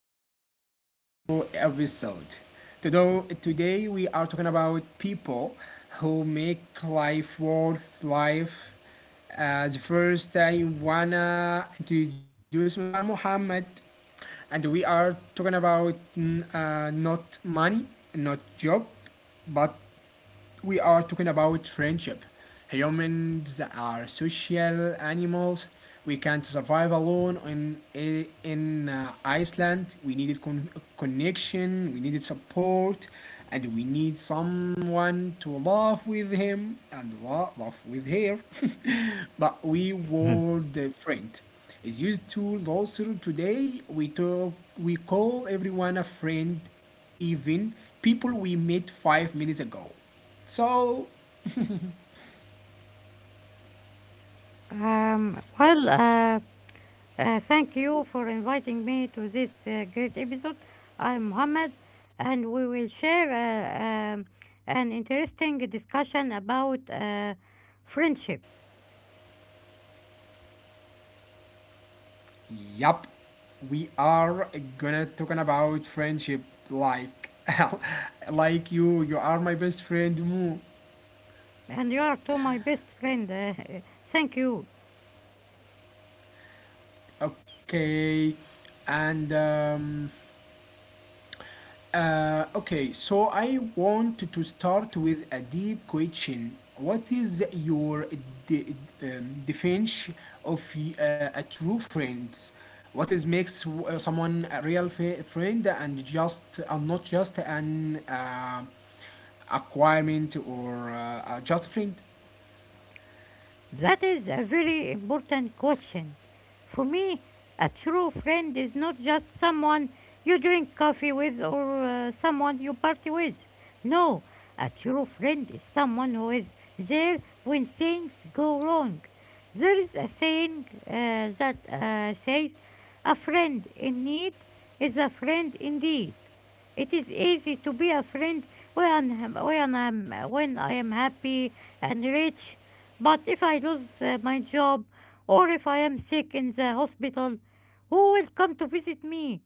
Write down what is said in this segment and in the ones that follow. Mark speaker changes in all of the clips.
Speaker 1: welcome back to episode. Today we are talking about people who make life worth life. The first I wanna introduce myself. I'm Mohammed, and we are talking about not money, not job, but we are talking about friendship. Humans are social animals. We can't survive alone in Iceland. We needed connection. We needed support, and we need someone to laugh with him and laugh with her. But we
Speaker 2: Mhm.
Speaker 1: word friend is used to loser today. We talk. We call everyone a friend, even people we met 5 minutes ago. So,
Speaker 2: Um, well, uh, Thank you for inviting me to this great episode. I'm Mohammed, and we will share an interesting discussion about friendship.
Speaker 1: yup, we are gonna talking about friendship like like you are my best friend Moo.
Speaker 2: And you are to my best friend. Thank you.
Speaker 1: Okay. And Okay, so I want to start with a deep question. What is your de- definition of a true friend? What is makes someone a real friend, and not just an acquirement or just a friend?
Speaker 2: That is a very important question. For me, a true friend is not just someone you drink coffee with or someone you party with. No, a true friend is someone who is there when things go wrong. There is a saying that says, a friend in need is a friend indeed. It is easy to be a friend when I'm, when I'm when I am happy and rich, but if I lose my job or if I am sick in the hospital, who will come to visit me?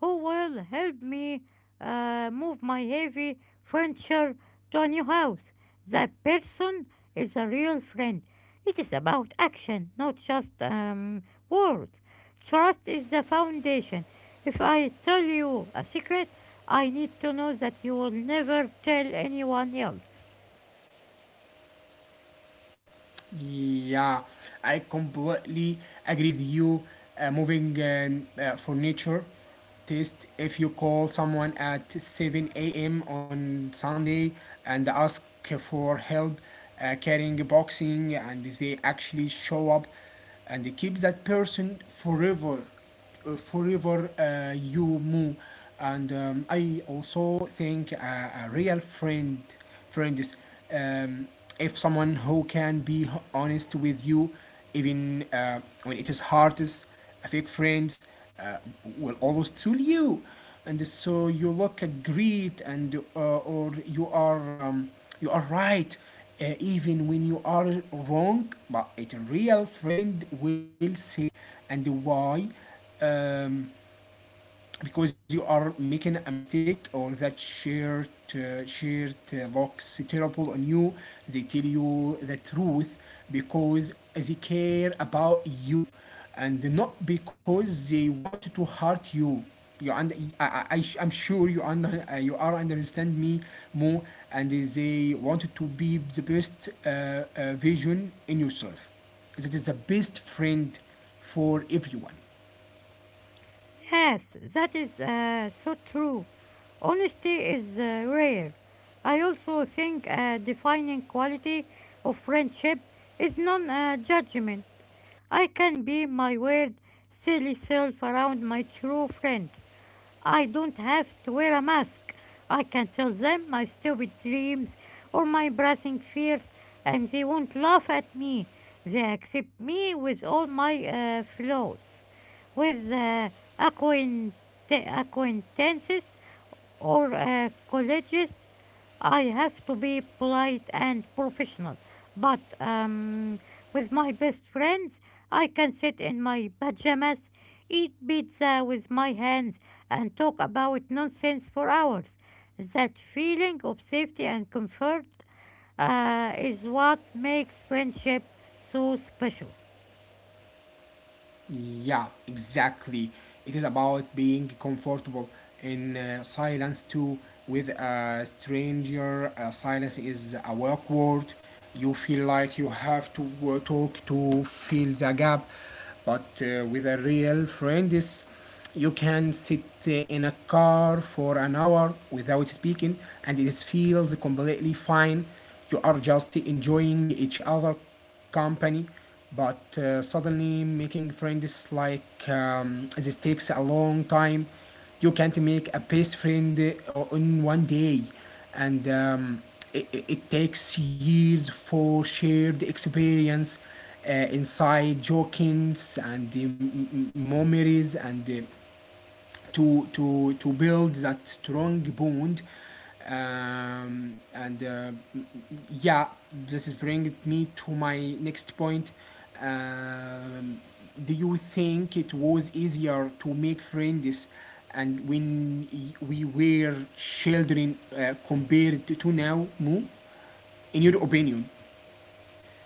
Speaker 2: Who will help me move my heavy furniture to a new house? That person is a real friend. It is about action, not just words. Trust is the foundation. If I tell you a secret, I need to know that you will never tell anyone else.
Speaker 1: Yeah, I completely agree with you. Moving furniture test, if you call someone at 7 a.m. on Sunday and ask for help carrying a boxing and they actually show up and keep that person forever, you move. And I also think a real friend is, um, if someone who can be honest with you even when it is hardest. A fake friends uh, will always tell you and so you look great, and or you are, you are right even when you are wrong. But a real friend will say, and why, um, because you are making a mistake, or that shirt looks terrible on you. They tell you the truth because they care about you, and not because they want to hurt you and I am sure you you are understand me more, and they want to be the best vision in yourself. That is the best friend for everyone.
Speaker 2: Yes, that is so true. Honesty is rare. I also think a defining quality of friendship is non judgment. I can be my weird, silly self around my true friends. I don't have to wear a mask. I can tell them my stupid dreams or my pressing fears, and they won't laugh at me. They accept me with all my flaws. With acquaint- acquaintances or colleagues, I have to be polite and professional. But with my best friends, I can sit in my pajamas, eat pizza with my hands, and talk about nonsense for hours. That feeling of safety and comfort is what makes friendship so special.
Speaker 1: Yeah, exactly. It is about being comfortable in silence too. With a stranger, silence is a work word. You feel like you have to talk to fill the gap. But with a real friend, is you can sit in a car for an hour without speaking, and it feels completely fine. You are just enjoying each other company. But suddenly, making friends like this takes a long time. You can't make a best friend in one day, and it takes years for shared experience, uh, inside jokings and memories, and to build that strong bond. And yeah, this is bringing me to my next point. um, do you think it was easier to make friends and when we were children compared to now, Mu? In your opinion?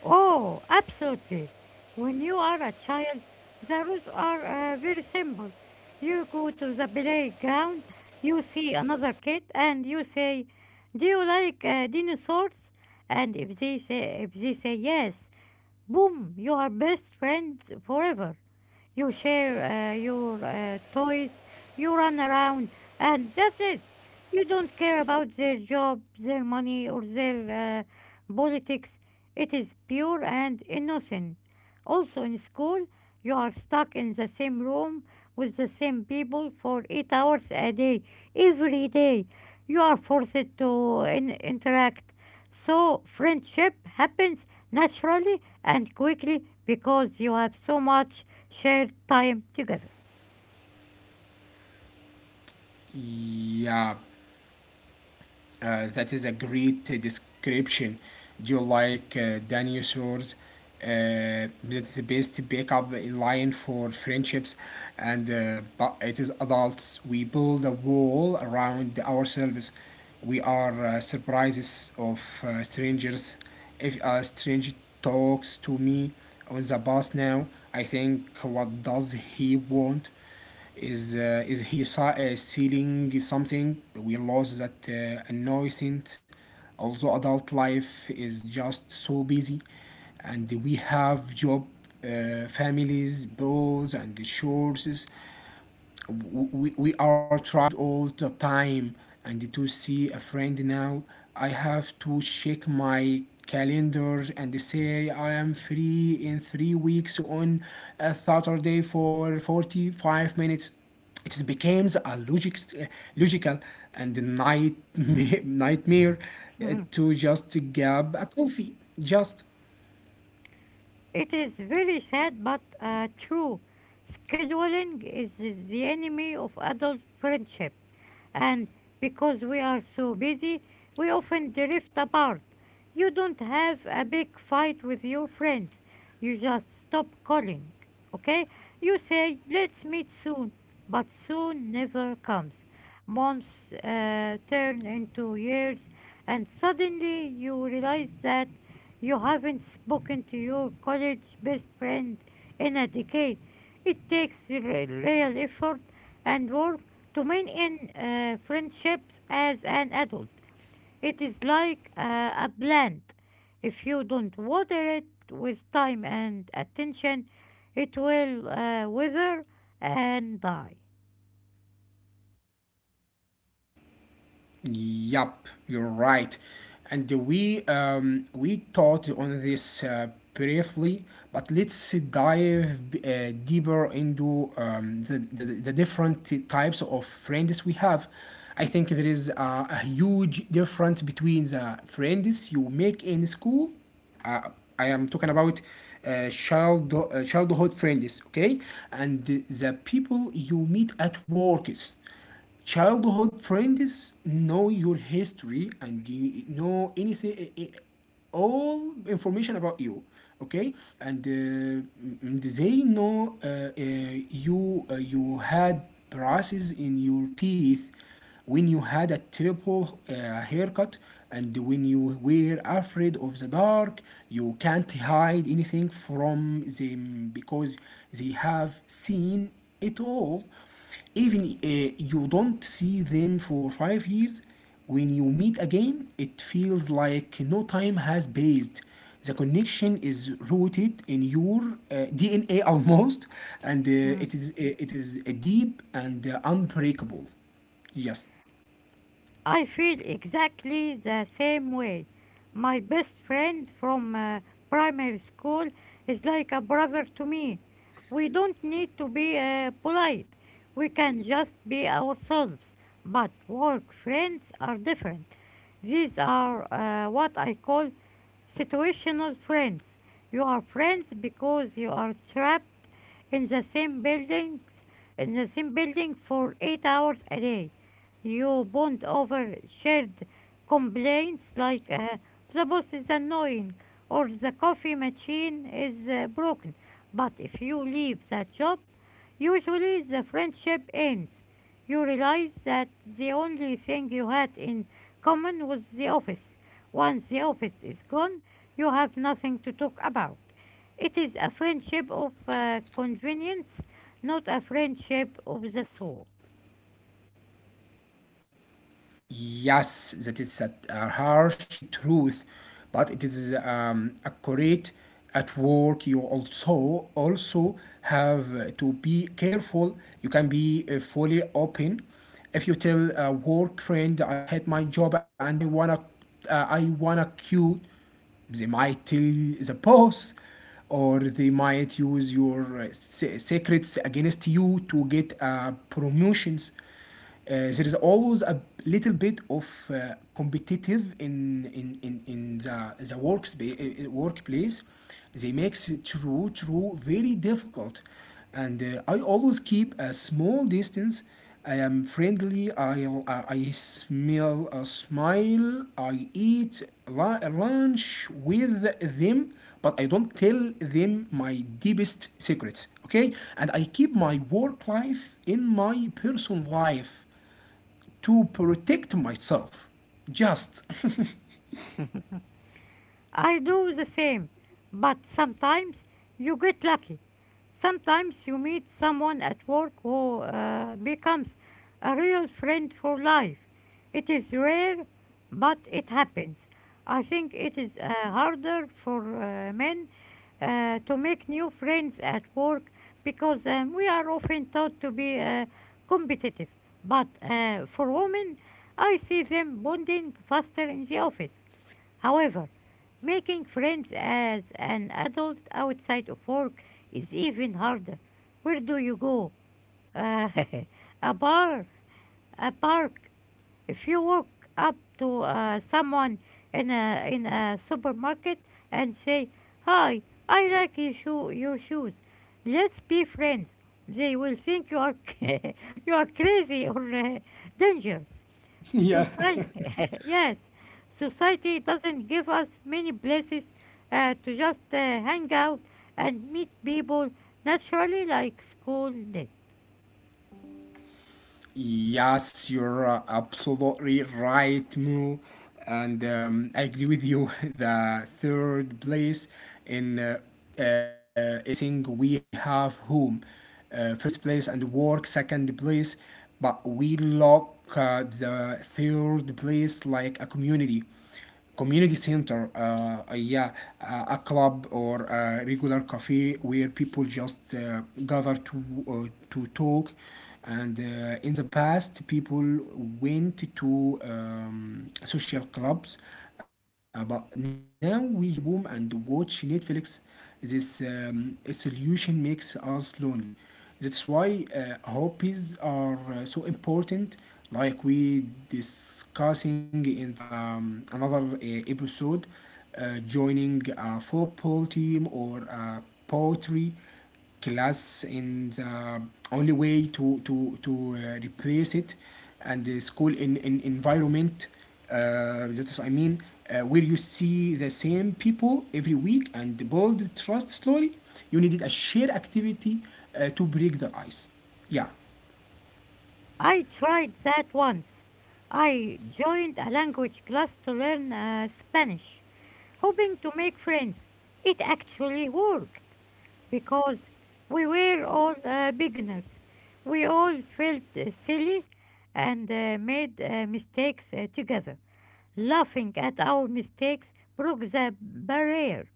Speaker 2: Oh, absolutely. When you are a child, the rules are very simple. You go to the playground, you see another kid, and you say, "Do you like dinosaurs?" And if they say yes, boom, you are best friends forever. You share uh, your toys, you run around, and that's it. You don't care about their job, their money, or their politics. It is pure and innocent. Also, in school, you are stuck in the same room with the same people for 8 hours a day, every day. You are forced to interact. So, friendship happens naturally and quickly because you have so much shared time together.
Speaker 1: Yeah. That is a great description. Do you like dinosaurs? That's the best backup line for friendships. And but it is adults. We build a wall around ourselves. We are surprises of strangers. If a stranger talks to me on the bus now, I think, what does he want? Is he stealing something? We lost that annoying. Also, adult life is just so busy, and we have job, families, bills, and chores. We are tried all the time, and to see a friend now, I have to check my calendar and say, I am free in 3 weeks on a Saturday for 45 minutes. It becomes a logical and nightmare, nightmare
Speaker 2: Mhm.
Speaker 1: to just grab a coffee, just.
Speaker 2: It is very sad but true. Scheduling is the enemy of adult friendship, and because we are so busy, we often drift apart. You don't have a big fight with your friends, you just stop calling, okay? You say, let's meet soon, but soon never comes. Months turn into years, and suddenly you realize that you haven't spoken to your college best friend in a decade. It takes real effort and work to maintain friendships as an adult. It is like a plant. If you don't water it with time and attention, it will wither and die.
Speaker 1: Yup, you're right. And we taught on this briefly, but let's dive deeper into the different types of friends we have. I think there is a huge difference between the friends you make in school. Uh, I am talking about childhood friends, okay, and the people you meet at works. Childhood friends know your history and you know anything, all information about you, okay? They know, you had braces in your teeth, when you had a triple haircut, and when you were afraid of the dark. You can't hide anything from them, because they have seen it all. Even you don't see them for 5 years, when you meet again it feels like no time has passed. The connection is rooted in your DNA almost, and it is, deep and unbreakable, just.
Speaker 2: I feel exactly the same way. My best friend from primary school is like a brother to me. We don't need to be polite. We can just be ourselves. But work friends are different. These are what I call situational friends. You are friends because you are trapped in the same buildings, in the same building for 8 hours a day. You bond over shared complaints like the boss is annoying or the coffee machine is broken. But if you leave that job, usually the friendship ends. You realize that the only thing you had in common was the office. Once the office is gone, you have nothing to talk about. It is a friendship of convenience, not a friendship of the soul.
Speaker 1: Yes, that is a harsh truth, but it is accurate. At work, you also have to be careful. You can be fully open. If you tell a work friend, "I hate my job and I wanna quit," they might tell the boss, or they might use your secrets against you to get promotions. There is always a little bit of competitive in in the workspace workplace. They makes it true very difficult, and I always keep a small distance. I am friendly. I smell a smile. I eat lunch with them, but I don't tell them my deepest secrets, okay? And I keep my work life in my personal life to protect myself, just.
Speaker 2: I do the same, but sometimes you get lucky. Sometimes you meet someone at work who becomes a real friend for life. It is rare, but it happens. I think it is harder for men to make new friends at work because we are often taught to be competitive. But for women, I see them bonding faster in the office. However, making friends as an adult outside of work is even harder. Where do you go? Uh, a bar, a park? If you walk up to someone in a supermarket and say, "Hi, I like your shoes. Let's be friends," they will think you are you are crazy or dangerous.
Speaker 1: Yeah.
Speaker 2: Society, yes, society doesn't give us many places to just hang out and meet people naturally like school did.
Speaker 1: Yes, you're absolutely right, Mu. And I agree with you. The third place in is missing. We have home, first place, and work, second place, but we look at the third place like a community center, yeah, a club or a regular cafe where people just gather to, talk. And in the past, people went to social clubs, but now we just go home and watch Netflix. This solution makes us lonely. That's why hobbies are so important, like we discussing in the another episode. Joining a football team or a poetry class in the only way to replace it, and the school in environment. That is, I mean, where you see the same people every week and build trust slowly. You needed a shared activity to break the ice. Yeah.
Speaker 2: I tried that once. I joined a language class to learn Spanish, hoping to make friends. It actually worked because we were all beginners. We all felt silly and made mistakes together. Laughing at our mistakes broke the barrier.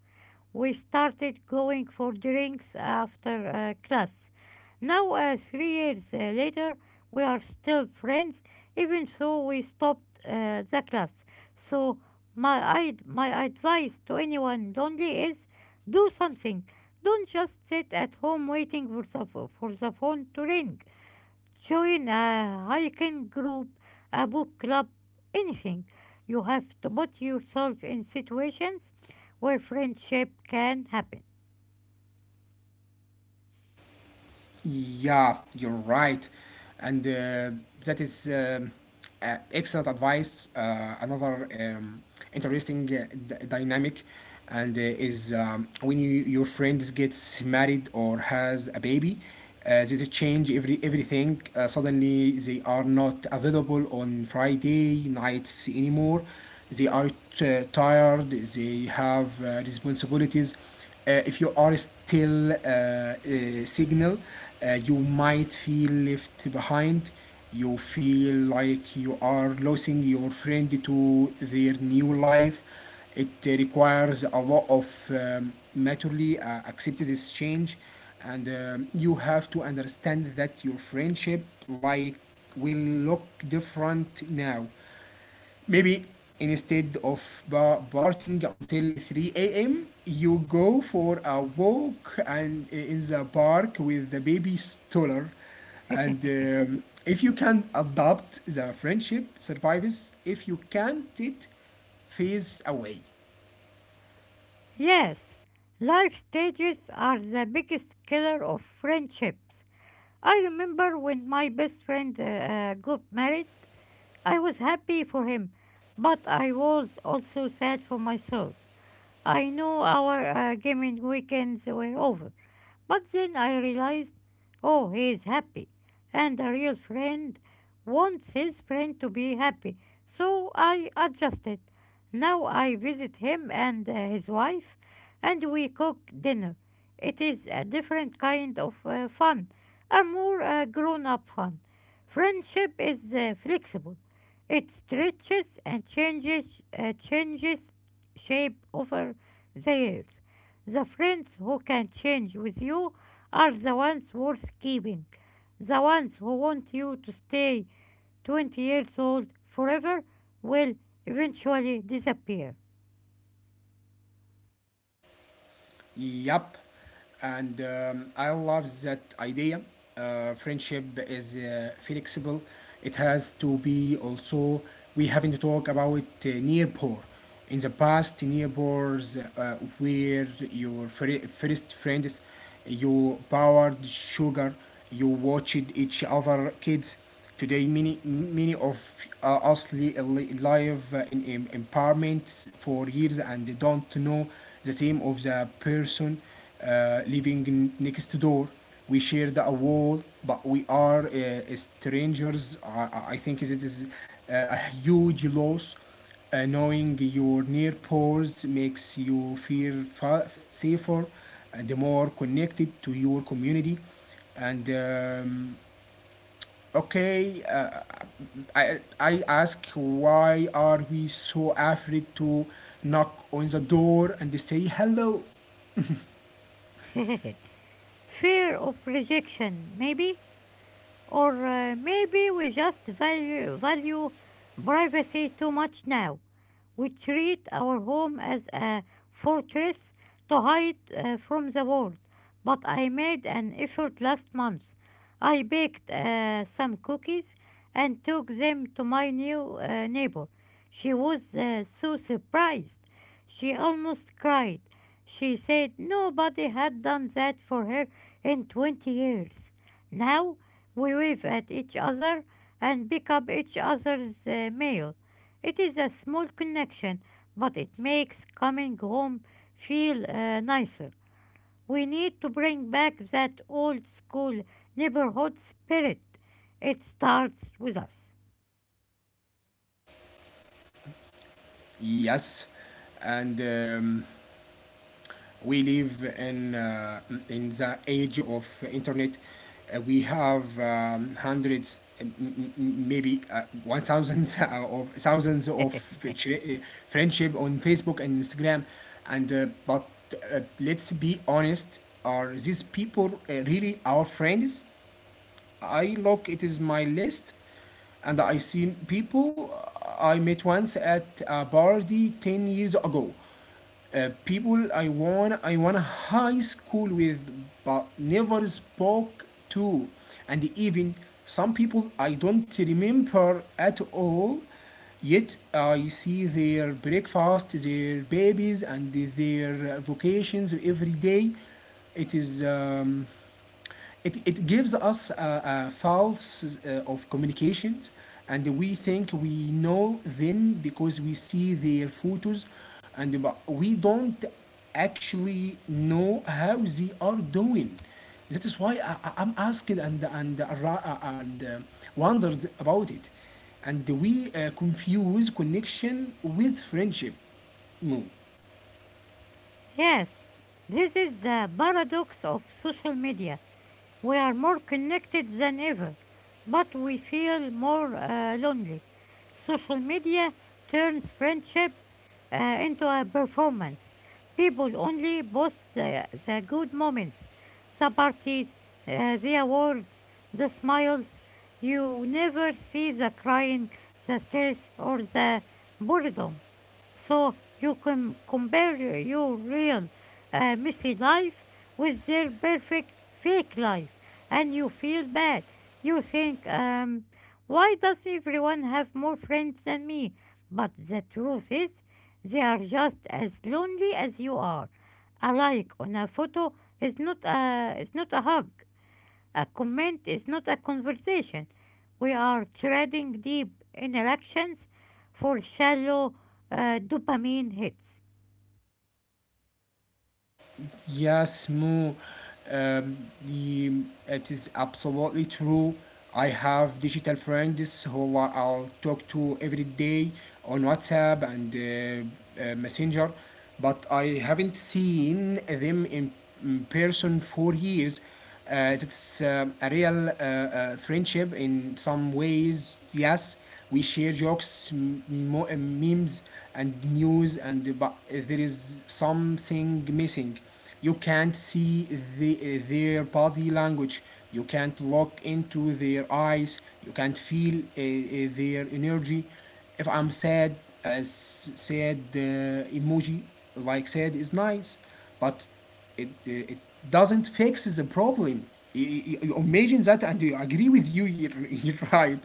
Speaker 2: We started going for drinks after class. Now, 3 years later, we are still friends, even though we stopped the class. So, my advice to anyone lonely is do something. Don't just sit at home waiting for for the phone to ring. Join a hiking group, a book club, anything. You have to put yourself in situations where friendship can happen.
Speaker 1: Yeah, you're right, and that is, excellent advice. Another interesting dynamic, and is, when your friend gets married or has a baby, they change everything. Suddenly, they are not available on Friday nights anymore. They are tired. They have responsibilities. If you are still, signal, you might feel left behind. You feel like you are losing your friend to their new life. It requires a lot of maturely accept this change, and you have to understand that your friendship like will look different now. Maybe, instead of partying until 3 a.m., you go for a walk and in the park with the baby stroller. And if you can adopt, the friendship survives. If you can't, it fades away.
Speaker 2: Yes, life stages are the biggest killer of friendships. I remember when my best friend got married, I was happy for him, but I was also sad for myself. I knew our gaming weekends were over. But then I realized, oh, he is happy. And a real friend wants his friend to be happy. So I adjusted. Now I visit him and his wife, and we cook dinner. It is a different kind of fun, a more grown up fun. Friendship is flexible, it stretches and changes, changes shape over the years. The friends who can change with you are the ones worth keeping. The ones who want you to stay 20 years old forever will eventually disappear.
Speaker 1: Yup, and I love that idea. Friendship is flexible. It has to be also. We haven't talked about poor. In the past, nearpors were your first friends. You powered sugar. You watched each other kids. Today, many, many of us live in empowerment for years and don't know the same of the person living next door. We share a wall, but we are strangers. I think it is a huge loss. Knowing your neighbors makes you feel safer and more connected to your community, and, okay, I ask, why are we so afraid to knock on the door and say hello?
Speaker 2: Fear of rejection, maybe? Or maybe we value privacy too much now. We treat our home as a fortress to hide from the world. But I made an effort last month. I baked some cookies and took them to my new neighbor. She was so surprised. She almost cried. She said nobody had done that for her in 20 years. Now we wave at each other and pick up each other's mail. It is a small connection, but it makes coming home feel nicer. We need to bring back that old school neighborhood spirit. It starts with us.
Speaker 1: Yes, and we live in the age of internet. We have hundreds, maybe one thousands of thousands of friendship on Facebook and Instagram. And but let's be honest, are these people really our friends? I look it is my list, and I see people I met once at a party 10 years ago. People I want a high school with, but never spoke to. And even some people I don't remember at all. Yet I see their breakfast, their babies, and their vocations every day. It is um, it gives us a false of communications, and we think we know them because we see their photos and but we don't actually know how they are doing. That is why I am asking and wondered about it, and we confuse connection with friendship. No.
Speaker 2: Yes, this is the paradox of social media. We are more connected than ever, but we feel more lonely. Social media turns friendship into a performance. People only post the good moments, the parties, the awards, the smiles. You never see the crying, the stress, or the boredom. So you can compare your real messy life with their perfect fake life, and you feel bad. You think, why does everyone have more friends than me? But the truth is, they are just as lonely as you are. A like on a photo is not a hug. A comment is not a conversation. We are treading deep in elections for shallow dopamine hits.
Speaker 1: Yes, Mo. Um, y- it is absolutely true. I have digital friends who I'll talk to every day on WhatsApp and Messenger, but I haven't seen them in person for years. It's a real friendship in some ways. Yes, we share jokes, memes, and news, and but there is something missing. You can't see their body language. You can't look into their eyes. You can't feel their energy. If I'm sad, as sad emoji, like sad is nice, but it doesn't fix the problem. You imagine that, and you agree with you. You're right.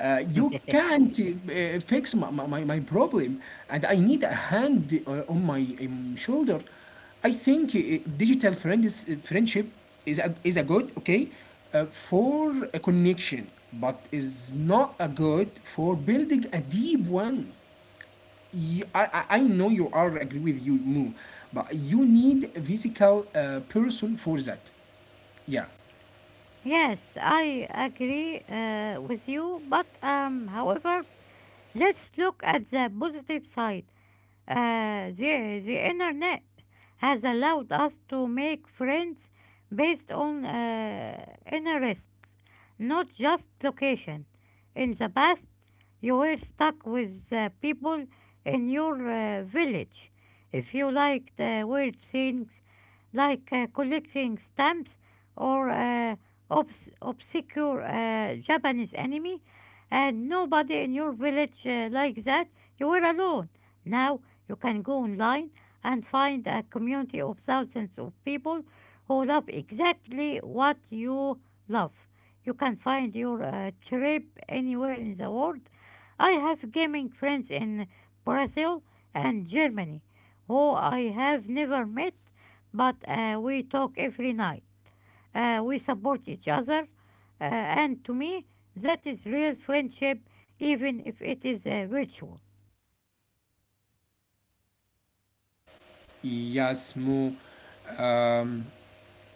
Speaker 1: You can't fix my problem, and I need a hand on my shoulder. I think digital friends friendship is a good okay for a connection, but is not a good for building a deep one. I know you are agree with you, Moo, but you need a physical person for that. Yeah,
Speaker 2: Yes, I agree with you, but however, let's look at the positive side. The internet has allowed us to make friends based on interests, not just location. In the past, you were stuck with the people in your village. If you liked weird things, like collecting stamps or obscure Japanese anime, and nobody in your village likes that, you were alone. Now you can go online and find a community of thousands of people who love exactly what you love. You can find your trip anywhere in the world. I have gaming friends in Brazil and Germany who I have never met, but we talk every night. We support each other, and to me, that is real friendship, even if it is a virtual.
Speaker 1: yes, Moo. Um,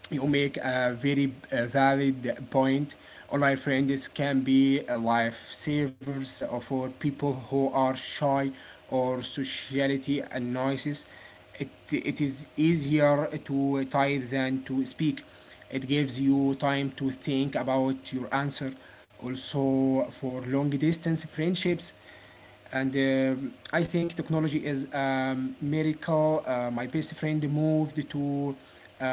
Speaker 1: you make a very valid point. Online friends can be lifesavers for people who are shy or sociality annoyances. It is easier to type than to speak. It gives you time to think about your answer. Also, for long distance friendships, and I think technology is a miracle. My best friend moved to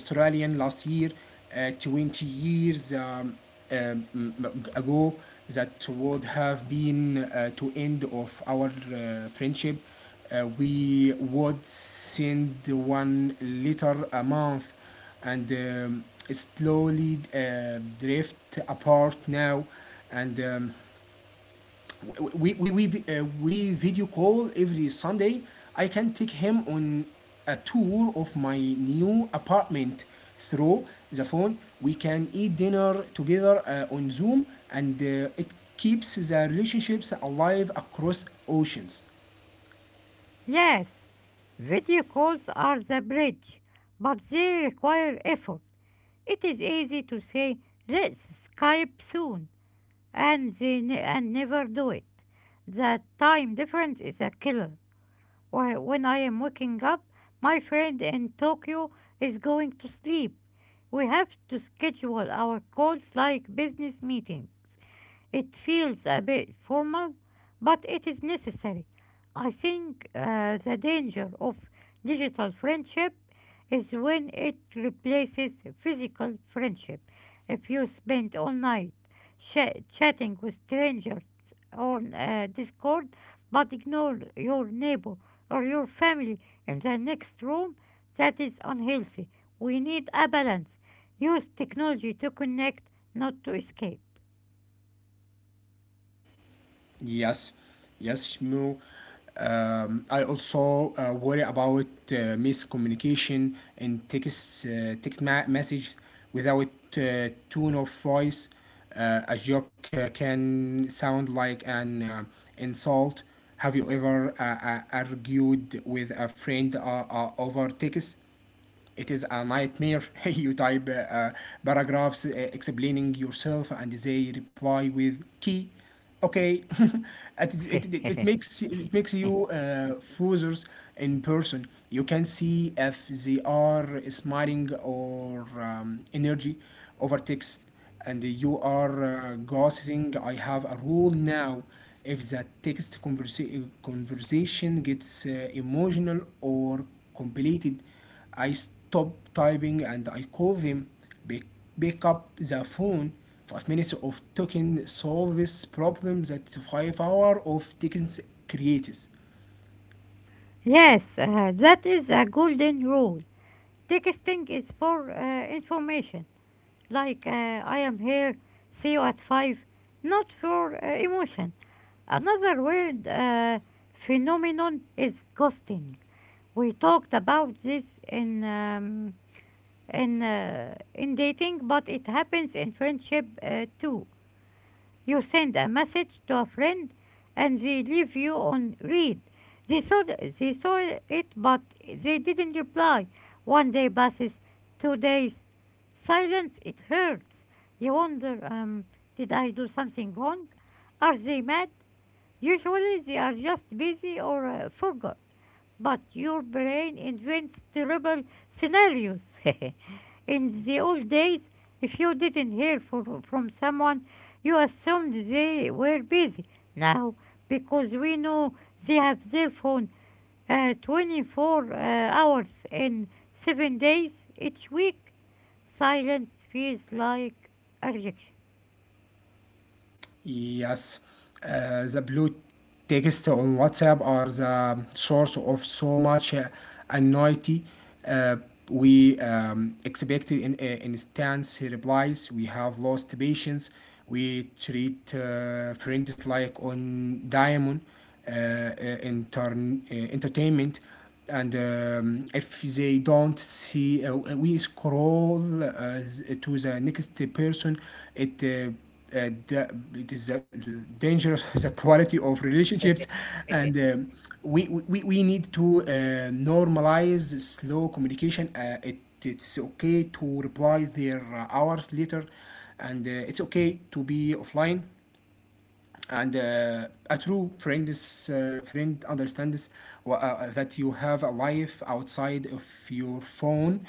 Speaker 1: Australian last year. 20 years um, ago, that would have been to end of our friendship. We would send one letter a month and slowly drift apart now, and we video call every Sunday. I can take him on a tour of my new apartment through the phone. We can eat dinner together on Zoom, and it keeps the relationships alive across oceans.
Speaker 2: Yes, video calls are the bridge, but they require effort. It is easy to say, let's Skype soon, and never do it. The time difference is a killer, or when I am waking up, my friend in Tokyo is going to sleep. We have to schedule our calls like business meetings. It feels a bit formal, but it is necessary. I think the danger of digital friendship is when it replaces physical friendship. If you spend all night chatting with strangers on Discord but ignore your neighbor or your family in the next room, that is unhealthy. We need a balance. Use technology to connect, not to escape.
Speaker 1: Yes, yes, Shmu. I also worry about miscommunication in text message without tone of voice. A joke can sound like an insult. Have you ever argued with a friend over text? It is a nightmare. You type paragraphs explaining yourself, and they reply with key. Okay. it, is- it, it makes you foozers in person. You can see if they are smiling or energy over text, and you are gossiping. I have a rule now: if the text conversation gets emotional or complicated, I stop typing and I call them. Pick, pick up the phone. 5 minutes of talking solves problems that 5 hours of taking creates.
Speaker 2: Yes, that is a golden rule. Texting is for information, like I am here, see you at 5, not for emotion. Another weird phenomenon is ghosting. We talked about this in dating, but it happens in friendship too. You send a message to a friend and they leave you on read. They saw, they saw it, but they didn't reply. One day passes, 2 days. Silence, it hurts. You wonder, did I do something wrong? Are they mad? Usually they are just busy or forgot. But your brain invents terrible scenarios. In the old days, if you didn't hear from someone, you assumed they were busy. Now, because we know they have their phone 24 hours and 7 days each week, silence feels like a rejection.
Speaker 1: Yes, the blue text on WhatsApp are the source of so much anxiety. Uh, we expected instant replies. We have lost patience. We treat friends like on diamond uh, uh, entertainment, and if they don't see, we scroll to the next person. It uh, uh, da- it is uh, dangerous. The quality of relationships, and we need to normalize slow communication. It's okay to reply their hours later, and it's okay to be offline, and a true friend understands that you have a life outside of your phone.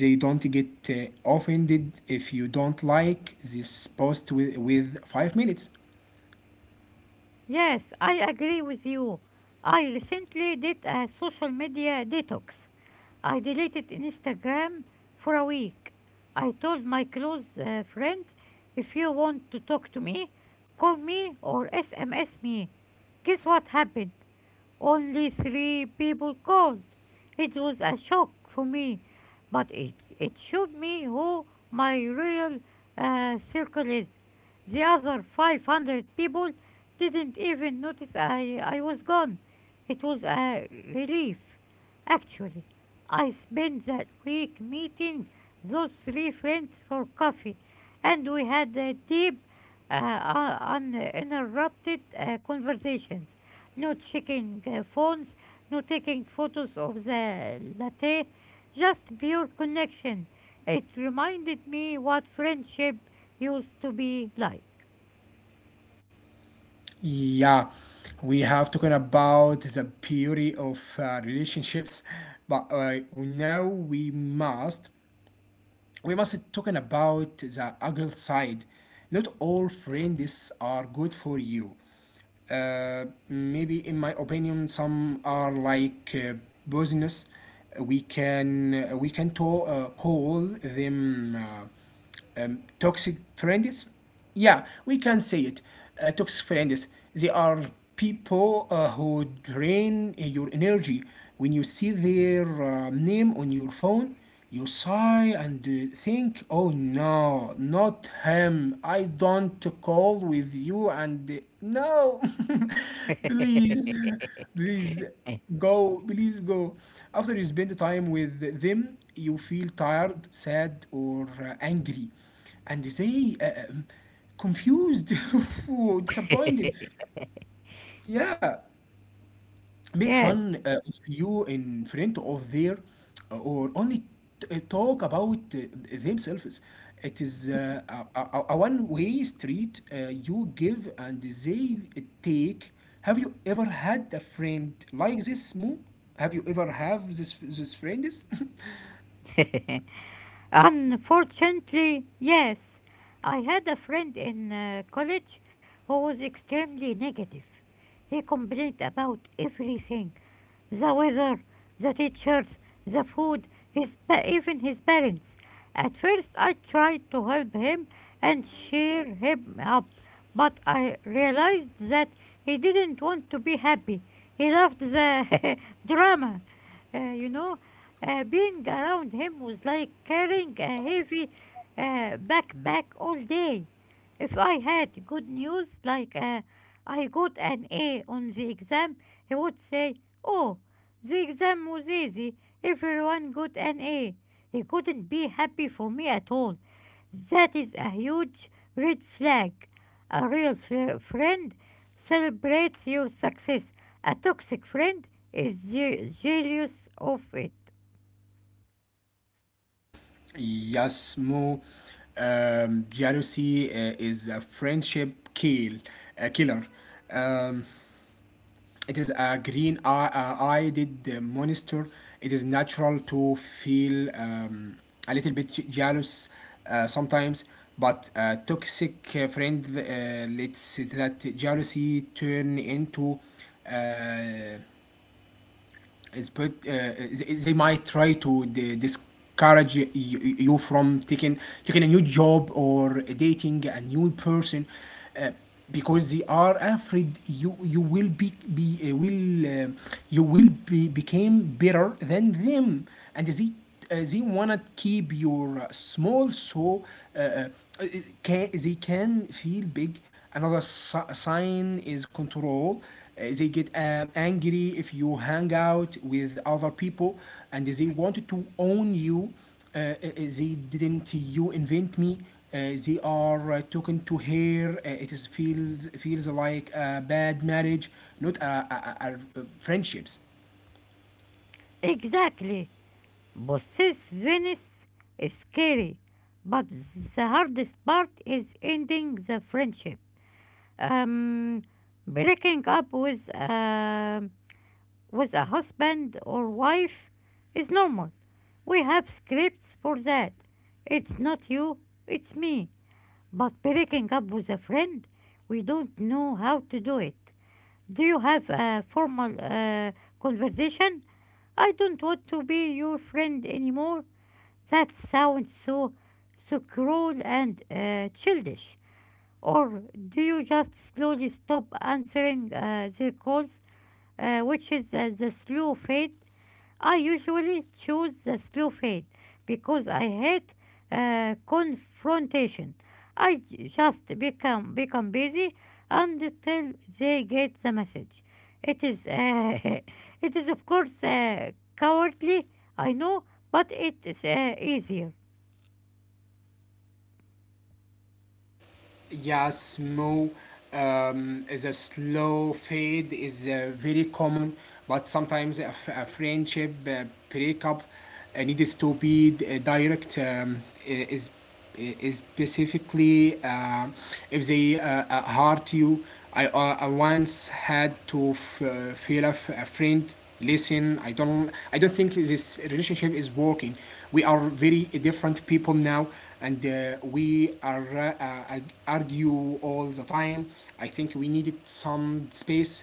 Speaker 1: They don't get offended if you don't like this post with 5 minutes.
Speaker 2: Yes, I agree with you. I recently did a social media detox. I deleted Instagram for a week. I told my close friends, if you want to talk to me, call me or SMS me. Guess what happened? Only three people called. It was a shock for me, but it showed me who my real circle is. The other 500 people didn't even notice I was gone. It was a relief. Actually, I spent that week meeting those three friends for coffee, and we had a deep, uh, uninterrupted conversations. No checking phones, no taking photos of the latte, just pure connection. It reminded me what friendship used to be like.
Speaker 1: Yeah, we have talking about the beauty of relationships, but now we must talking about the ugly side. Not all friends are good for you. Maybe in my opinion some are like business. We can call them. Toxic friends. Yeah, we can say it, toxic friends. They are people who drain your energy. When you see their name on your phone, you sigh and think, oh no, not him, I don't call with you, and no. please please Go, please go. After you spend time with them, you feel tired, sad, or angry, and they confused, or disappointed. Yeah, make
Speaker 2: Yes.
Speaker 1: fun of you in front of their, or only talk about themselves. It is a one-way street. You give and they take. Have you ever had a friend like this, Mo? Have you ever have this friends?
Speaker 2: Unfortunately, yes. I had a friend in college who was extremely negative. He complained about everything: the weather, the teachers, the food, even his parents. At first, I tried to help him and cheer him up, but I realized that he didn't want to be happy. He loved the drama. Uh, you know, Being around him was like carrying a heavy backpack all day. If I had good news, like I got an A on the exam, he would say, "Oh, the exam was easy. Everyone got an A." He couldn't be happy for me at all. That is a huge red flag. A real friend celebrates your success. A toxic friend is jealous of it.
Speaker 1: Yes, Mo. Jealousy is a friendship a killer. Um, It is a green eyed monster. It is natural to feel a little bit jealous sometimes, but a toxic friend lets that jealousy turn into uh, they might try to discourage you from taking a new job or dating a new person, uh, because they are afraid you will be will you will be became better than them, and they wanna keep your small, so uh, uh, they can feel big. Another sign is control. They get angry if you hang out with other people, and they wanted to own you. They didn't you invent me. They are talking to her. It is feels like a bad marriage, not a friendships.
Speaker 2: Exactly. Possessiveness is scary, but the hardest part is ending the friendship. Um, Breaking up with a husband or wife is normal. We have scripts for that. "It's not you, it's me." But breaking up with a friend, we don't know how to do it. Do you have a formal conversation? "I don't want to be your friend anymore." That sounds so, so cruel and childish. Or do you just slowly stop answering their calls, which is the slow fate. I usually choose the slow fade because I hate confrontation. I just become busy until they get the message. It is it is of course cowardly, I know, but it is easier.
Speaker 1: Yeah, smoke. Is a slow fade, is very common, but sometimes a friendship breakup needs to be direct. I- is is specifically if they hurt you. I once had to feel a friend. Listen, I don't think this relationship is working. We are very different people now, and we are uh, argue all the time. I think we needed some space.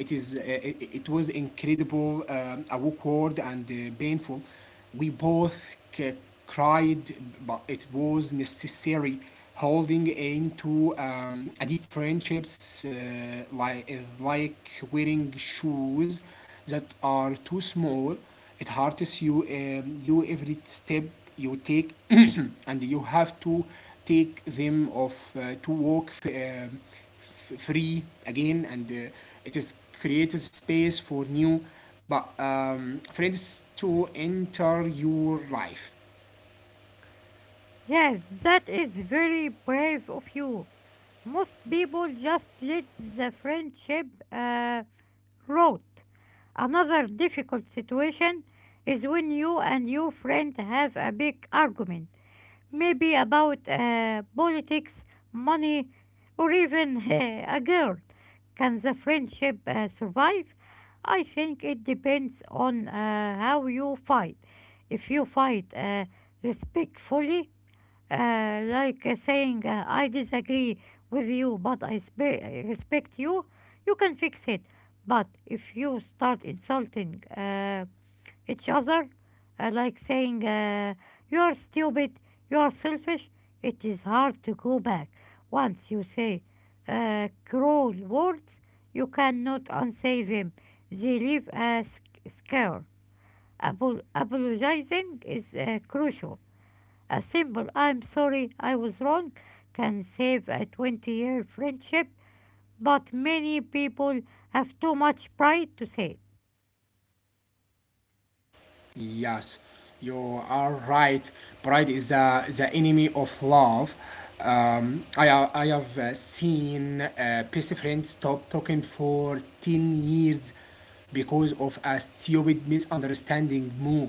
Speaker 1: It was incredible, awkward, and painful. We both cried, but it was necessary. Holding into a deep friendships like wearing shoes that are too small. It hurts you every step you take. And you have to take them off to walk free again, and it is creates space for new but friends to enter your life.
Speaker 2: Yes, that is very brave of you. Most people just let the friendship uh, rot. Another difficult situation is when you and your friend have a big argument, maybe about politics, money, or even a girl. Can the friendship survive? I think it depends on how you fight. If you fight respectfully, like saying, "I disagree with you, but I respect you," you can fix it. But if you start insulting each other, like saying, "You are stupid, you are selfish," it is hard to go back. Once you say cruel words, you cannot unsay them. They leave a scar. Apologizing is crucial. A simple "I'm sorry, I was wrong" can save a 20-year friendship, but many people have too much pride to say
Speaker 1: Yes, you are right. Pride is the enemy of love. I have seen best friends stop talking for 10 years because of a stupid misunderstanding. Moo.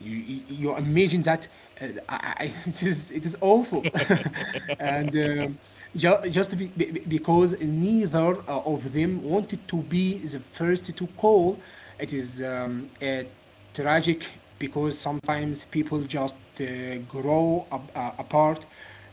Speaker 1: You imagine that. It is awful.
Speaker 2: it.
Speaker 1: And just because neither of them wanted to be the first to call, it is tragic. Because sometimes people just grow up, apart.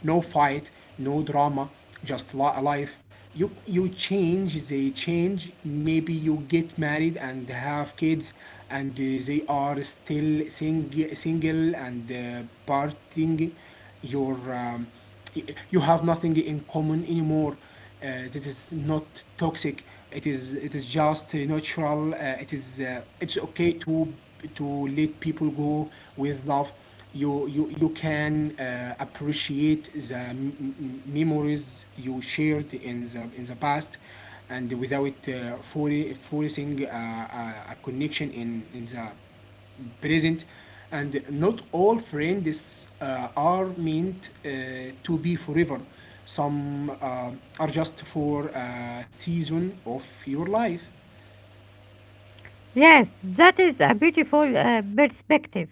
Speaker 1: No fight, no drama, just life. You change, they change. Maybe you get married and have kids, and they are still single and partying. Your um, you have nothing in common anymore, uh, this is not toxic. It is just natural. It's okay to let people go with love. You can appreciate the memories you shared in the past, and without forcing a connection in the present, and not all friends are meant to be forever. Some are just for a season of your life.
Speaker 2: Yes, that is a beautiful perspective.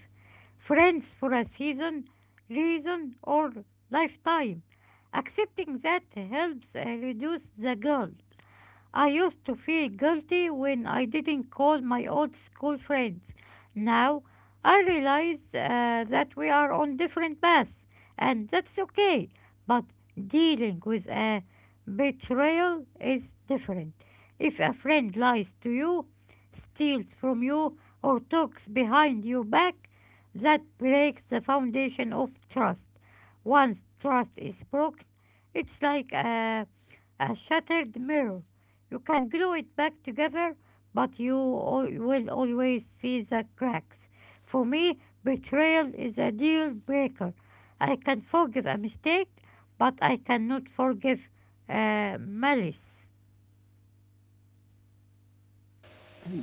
Speaker 2: Friends for a season, reason, or lifetime. Accepting that helps reduce the guilt. I used to feel guilty when I didn't call my old school friends. Now I realize that we are on different paths, and that's okay. But dealing with a betrayal is different. If a friend lies to you, steals from you, or talks behind your back, that breaks the foundation of trust. Once trust is broken, it's like a shattered mirror. You can glue it back together, but you will always see the cracks. For me, betrayal is a deal breaker. I can forgive a mistake, but I cannot forgive malice.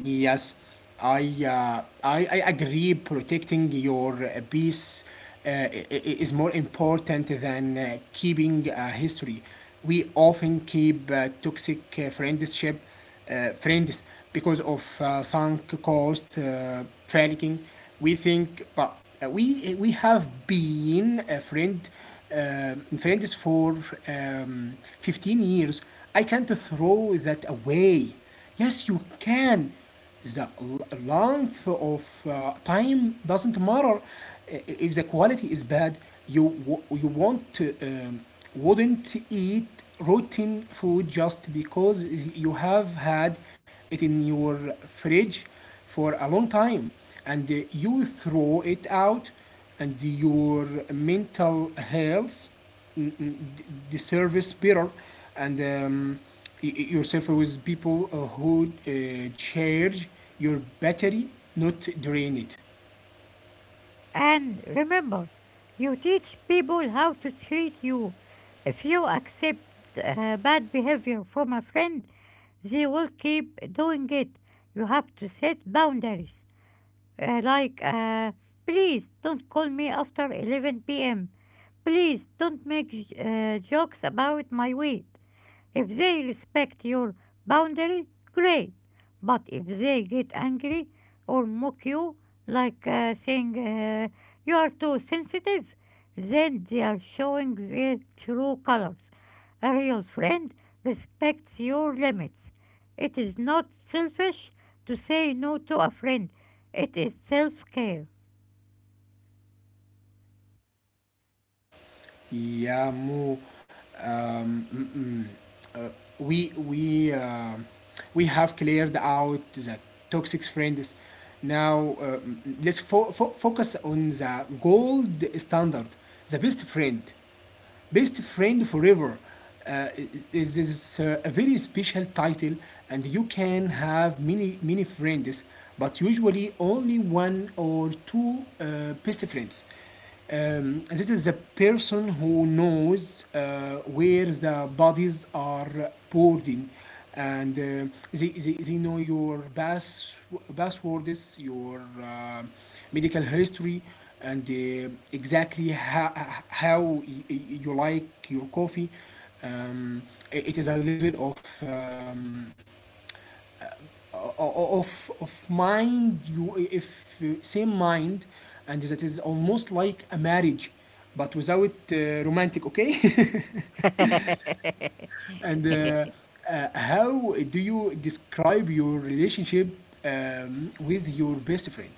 Speaker 1: Yes, I agree. Protecting your peace is more important than keeping a history. We often keep toxic friends because of sunk cost faking. We think, but we have been a friend friends for um, 15 years. I can't throw that away. Yes, you can. The length of time doesn't matter. If the quality is bad, you you won't wouldn't eat rotten food just because you have had it in your fridge for a long time, and you throw it out, and your mental health mm, mm, the service better, and yourself with people who charge your battery, not drain it.
Speaker 2: And remember, you teach people how to treat you. If you accept bad behavior from a friend, they will keep doing it. You have to set boundaries, like, "Please don't call me after 11 pm. Please don't make jokes about my weight." If they respect your boundary, great. But if they get angry or mock you, like saying, "You are too sensitive," then they are showing their true colors. A real friend respects your limits. It is not selfish to say no to a friend, it is self care.
Speaker 1: Yeah, Mo. um, mm, mm. Uh, we we uh, we have cleared out the toxic friends. Now, let's focus on the gold standard, the best friend. Best Friend Forever uh, is a very special title, and you can have many, many friends, but usually only one or two best friends. This is a person who knows where the bodies are boarding, and they know your passwords, your medical history, and exactly how you like your coffee. Um, it is a level of mind you if same mind, and that is almost like a marriage but without romantic, okay. and How do you describe your relationship with your best friend?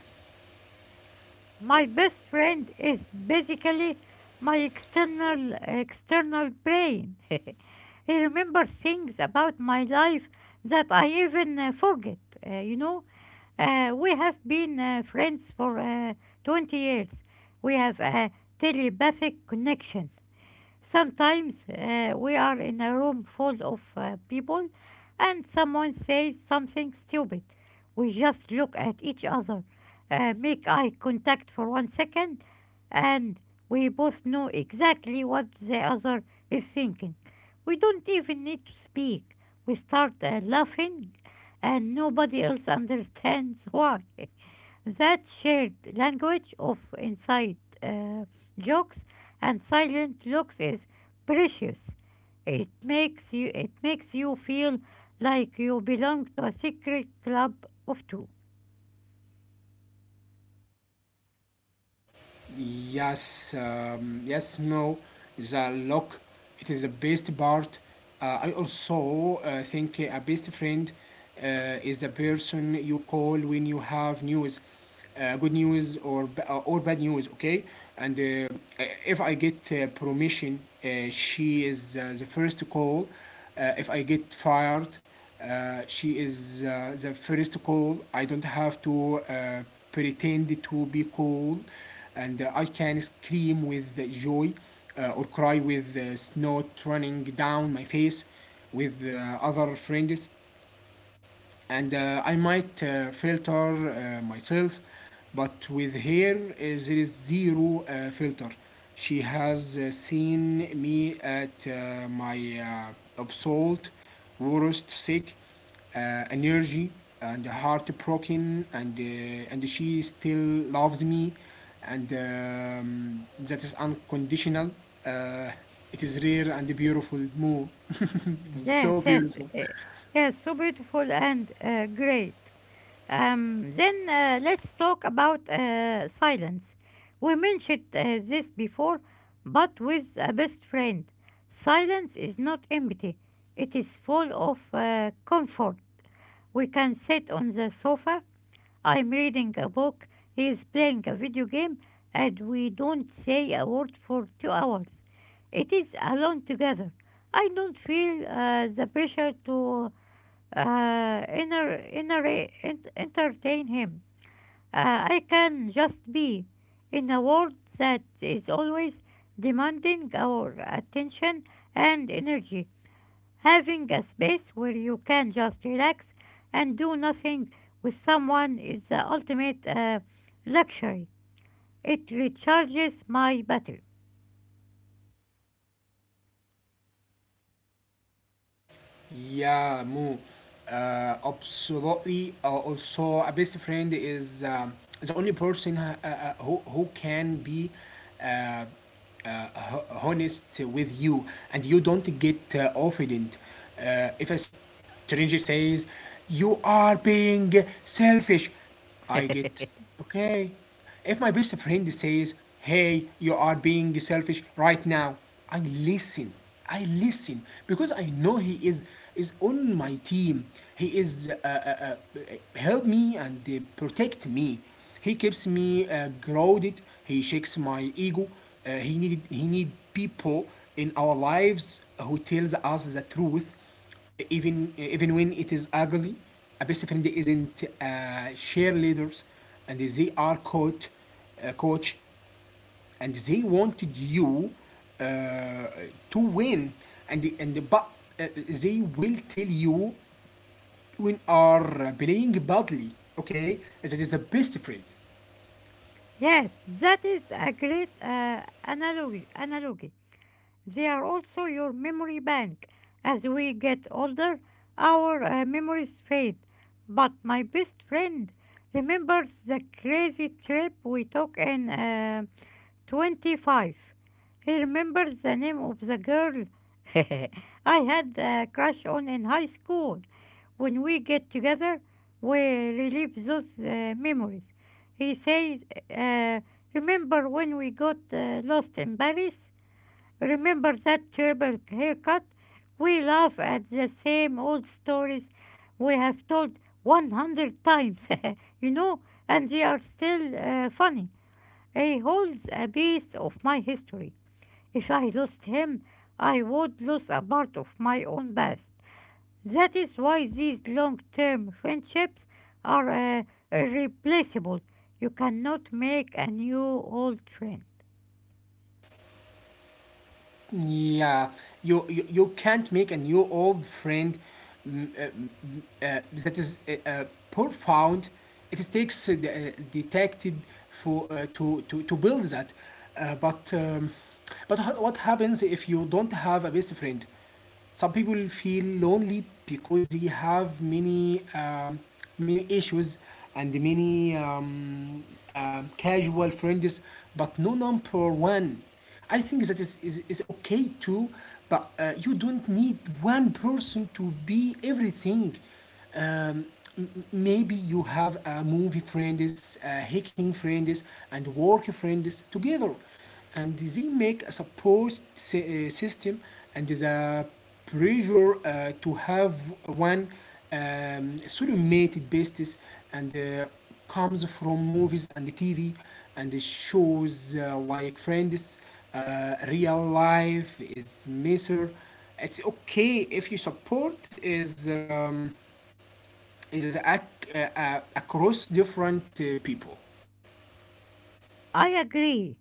Speaker 2: My best friend is basically my external brain. He remembers things about my life that I even forget. Uh, you know, we have been friends for 20 years. We have a telepathic connection. Sometimes we are in a room full of people and someone says something stupid. We just look at each other, make eye contact for 1 second, and we both know exactly what the other is thinking. We don't even need to speak. We start laughing and nobody else understands why. That shared language of inside uh, jokes and silent looks is precious. It makes you feel like you belong to a secret club of two.
Speaker 1: Yes, yes, no. The look, it is the best part. I also think a best friend uh, is a person you call when you have news, good news or or bad news. Okay, and if I get promotion, she is the first to call. If I get fired, she is the first to call. I don't have to pretend to be cool, and I can scream with joy, or cry with snot running down my face with other friends, and I might filter myself, but with her, there is zero filter. She has seen me at my absolute worst, sick, uh, energy, and heartbroken, and she still loves me, and that is unconditional. Uh, it is rare and beautiful, More.
Speaker 2: Yes,
Speaker 1: So
Speaker 2: yes,
Speaker 1: beautiful.
Speaker 2: eh, yes, so beautiful and great. Then let's talk about silence. We mentioned this before, but with a best friend. Silence is not empty, it is full of comfort. We can sit on the sofa, I'm reading a book, he is playing a video game, and we don't say a word for 2 hours. It is alone together. I don't feel the pressure to uh, inner, inner, entertain him. I can just be in a world that is always demanding our attention and energy. Having a space where you can just relax and do nothing with someone is the ultimate luxury. It recharges my battery.
Speaker 1: Yeah, Moo. Absolutely. Also, a best friend is the only person who can be uh, uh, honest with you and you don't get offended. If a stranger says, you are being selfish, I get, okay. If my best friend says, hey, you are being selfish right now, I listen. I listen because I know he is on my team. He is help me and protect me. He keeps me grounded. He shakes my ego. He need people in our lives who tells us the truth, even when it is ugly. A best friend isn't cheerleaders, and they are coach, uh, coach, and they wanted you uh, to win, and but they will tell you when are playing badly. Okay, that is a best friend.
Speaker 2: Yes, that is a great analogy. They are also your memory bank. As we get older, our memories fade. But my best friend remembers the crazy trip we took in 25. He remembers the name of the girl I had a crush on in high school. When we get together, we relive those memories. He says, uh, "Remember when we got lost in Paris? Remember that terrible haircut?" We laugh at the same old stories we have told 100 times, you know, and they are still funny. He holds a piece of my history. If I lost him, I would lose a part of my own past. That is why these long term friendships are irreplaceable. You cannot make a new old friend.
Speaker 1: Yeah, you can't make a new old friend. mm, uh, mm, that is profound. It takes detected for to build that. Uh, but um, but what happens if you don't have a best friend? Some people feel lonely because they have many many issues and many casual friends, but no number one. I think that is okay too, but you don't need one person to be everything. um, Maybe you have a movie friends, hiking friends, and work friends together, and they make a support system, and the pressure to have one sublimated basis and comes from movies and the TV and the shows like friends. Real life is measure. It's okay if your support is across different people.
Speaker 2: I agree.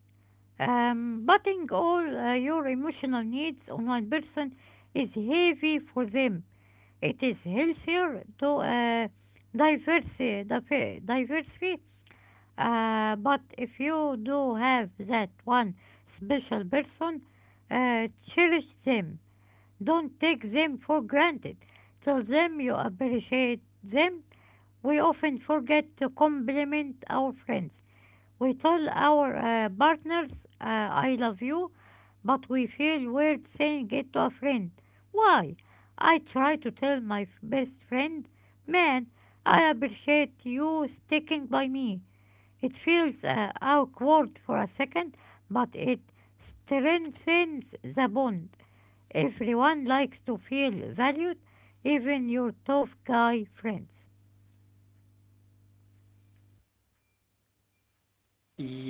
Speaker 2: Putting all your emotional needs on one person is heavy for them. It is healthier to diversity, diversity. But if you do have that one special person, cherish them. Don't take them for granted. Tell them you appreciate them. We often forget to compliment our friends. We tell our partners, "I love you," but we feel weird saying it to a friend. Why? I try to tell my best friend, "Man, I appreciate you sticking by me." It feels awkward for a second, but it strengthens the bond. Everyone likes to feel valued, even your tough guy friends.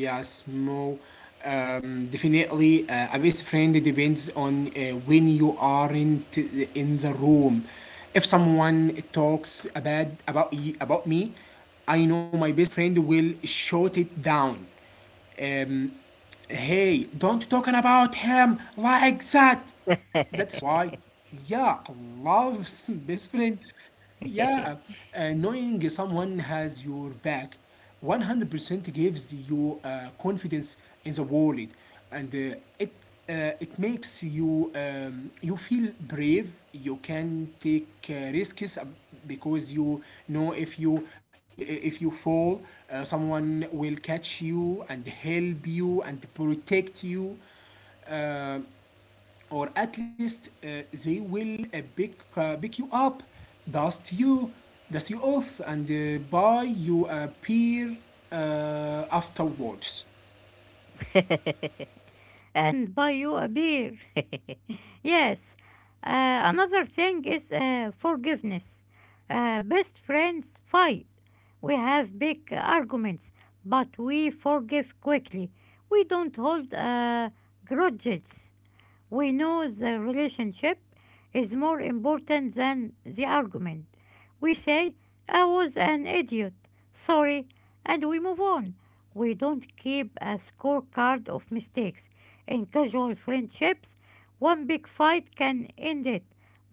Speaker 1: Yes, Mo. Definitely, a best friend depends on when you aren't in the room. If someone talks about me, I know my best friend will shut it down. Um, hey, don't talk about him like that. That's why, yeah, love's best friend. Yeah, knowing someone has your back 100% gives you confidence in the world, and it makes you you feel brave, you can take risks, because you know, if you fall, someone will catch you and help you and protect you, uh, or at least they will pick you up, dust you dust you off, and buy you a beer afterwards.
Speaker 2: And buy you a beer. Yes, another thing is forgiveness. Best friends fight. We have big arguments, but we forgive quickly. We don't hold grudges. We know the relationship is more important than the argument. We say, "I was an idiot, sorry," and we move on. We don't keep a scorecard of mistakes. In casual friendships, one big fight can end it,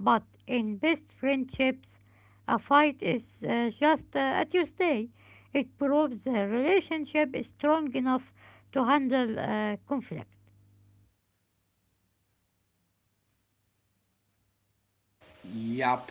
Speaker 2: but in best friendships, a fight is just a Tuesday. It proves the relationship is strong enough to handle conflict.
Speaker 1: Yup.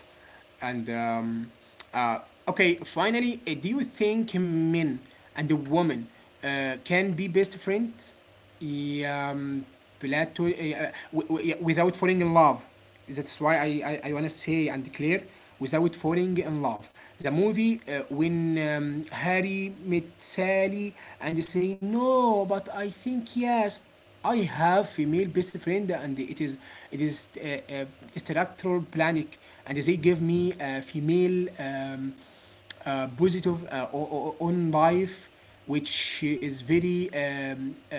Speaker 1: And uh, okay, finally, do you think men and a woman can be best friends? Yeah, Plato, yeah, without falling in love. That's why I want to say and declare without falling in love. The movie when Harry met Sally, and they say no, but I think yes. I have female best friend, and it is structural planning, and they give me a female positive on life, which is very um, uh,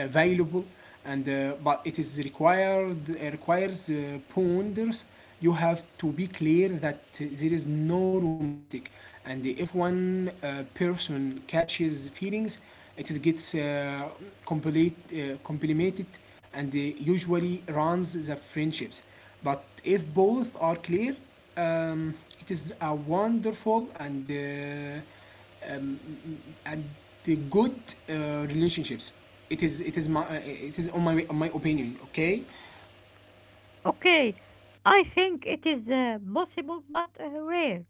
Speaker 1: uh, valuable, and but it is required requires ponders. You have to be clear that there is no romantic, and if one person catches feelings, it is gets complete, uh, complimented, and usually runs the friendships. But if both are clear, um, it is a wonderful and the good relationships. It is my it is on my opinion. Okay,
Speaker 2: Okay, I think it is possible but rare.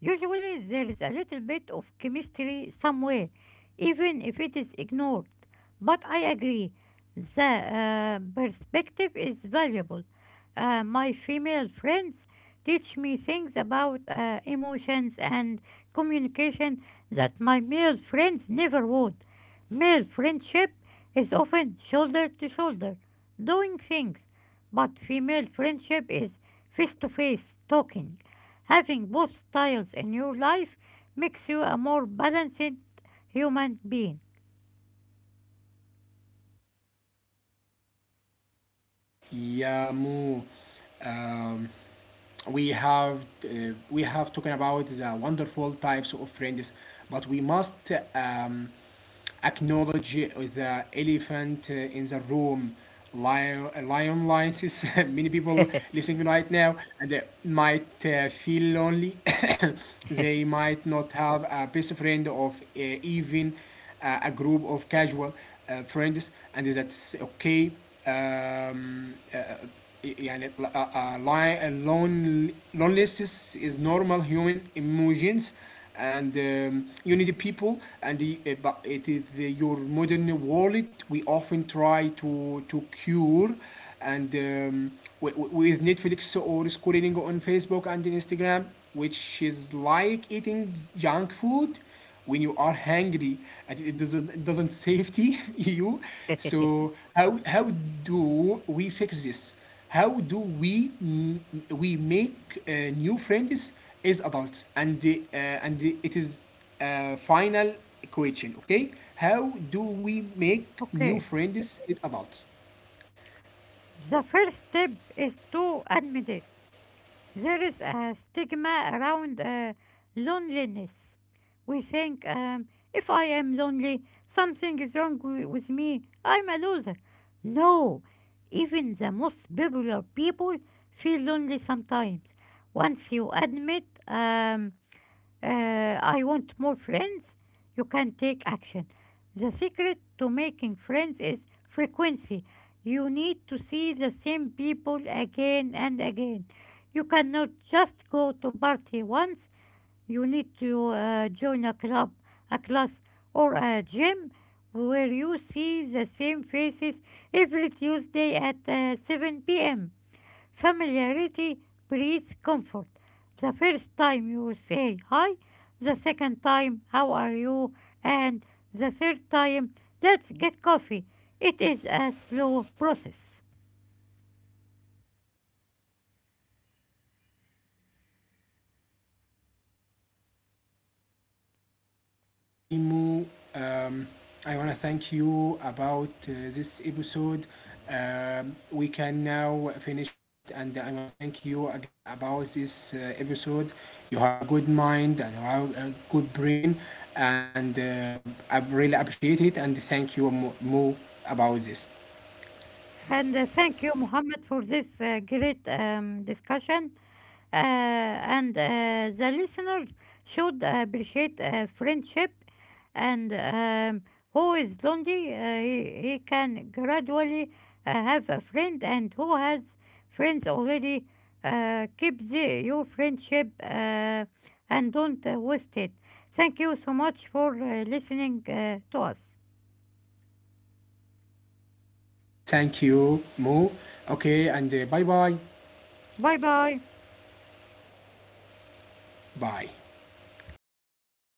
Speaker 2: Usually there is a little bit of chemistry somewhere, even if it is ignored. But I agree, the perspective is valuable. My female friends teach me things about emotions and communication that my male friends never would. Male friendship is often shoulder to shoulder, doing things, but female friendship is face to face, talking. Having both styles in your life makes you a more balanced human being.
Speaker 1: yeah, Mu. Um, we have we have talking about the wonderful types of friends, but we must acknowledge the elephant in the room, lion lights. Many people listening right now, and they might feel lonely. They might not have a best friend of even a group of casual friends, and that's okay. um, uh, يعني lon- loneliness is normal human emotions, and you need people and but it is the, your modern world we often try to cure, and um, with Netflix or scrolling on Facebook and Instagram, which is like eating junk food when you are hungry. I It doesn't safety you. So how do we fix this? How do we make new friends as adults? It is final question. Okay, how do we make new
Speaker 2: Okay,
Speaker 1: friends as adults?
Speaker 2: the first step is to admit it. There is a stigma around loneliness. We think, "If I am lonely, something is wrong with me, I'm a loser." No, even the most popular people feel lonely sometimes. Once you admit, "I want more friends," you can take action. The secret to making friends is frequency. You need to see the same people again and again. You cannot just go to party once. You need to join a club, a class, or a gym where you see the same faces every Tuesday at 7 p.m. Familiarity breeds comfort. The first time you will say hi, the second time, how are you, and the third time, let's get coffee. It is a slow process.
Speaker 1: Okay, Mo. Um, I wanna thank you about this episode. We can now finish it, and I wanna thank you again about this episode. You have a good mind and you have a good brain, and I really appreciate it. And thank you, Mo, about this.
Speaker 2: And thank you, Mohammed, for this great discussion. And the listeners should appreciate friendship, and who is lonely, he can gradually have a friend, and who has friends already keep your friendship and don't waste it. Thank you so much for listening to us.
Speaker 1: Thank you, Mo. Okay, and bye bye.
Speaker 2: Bye bye.
Speaker 1: Bye.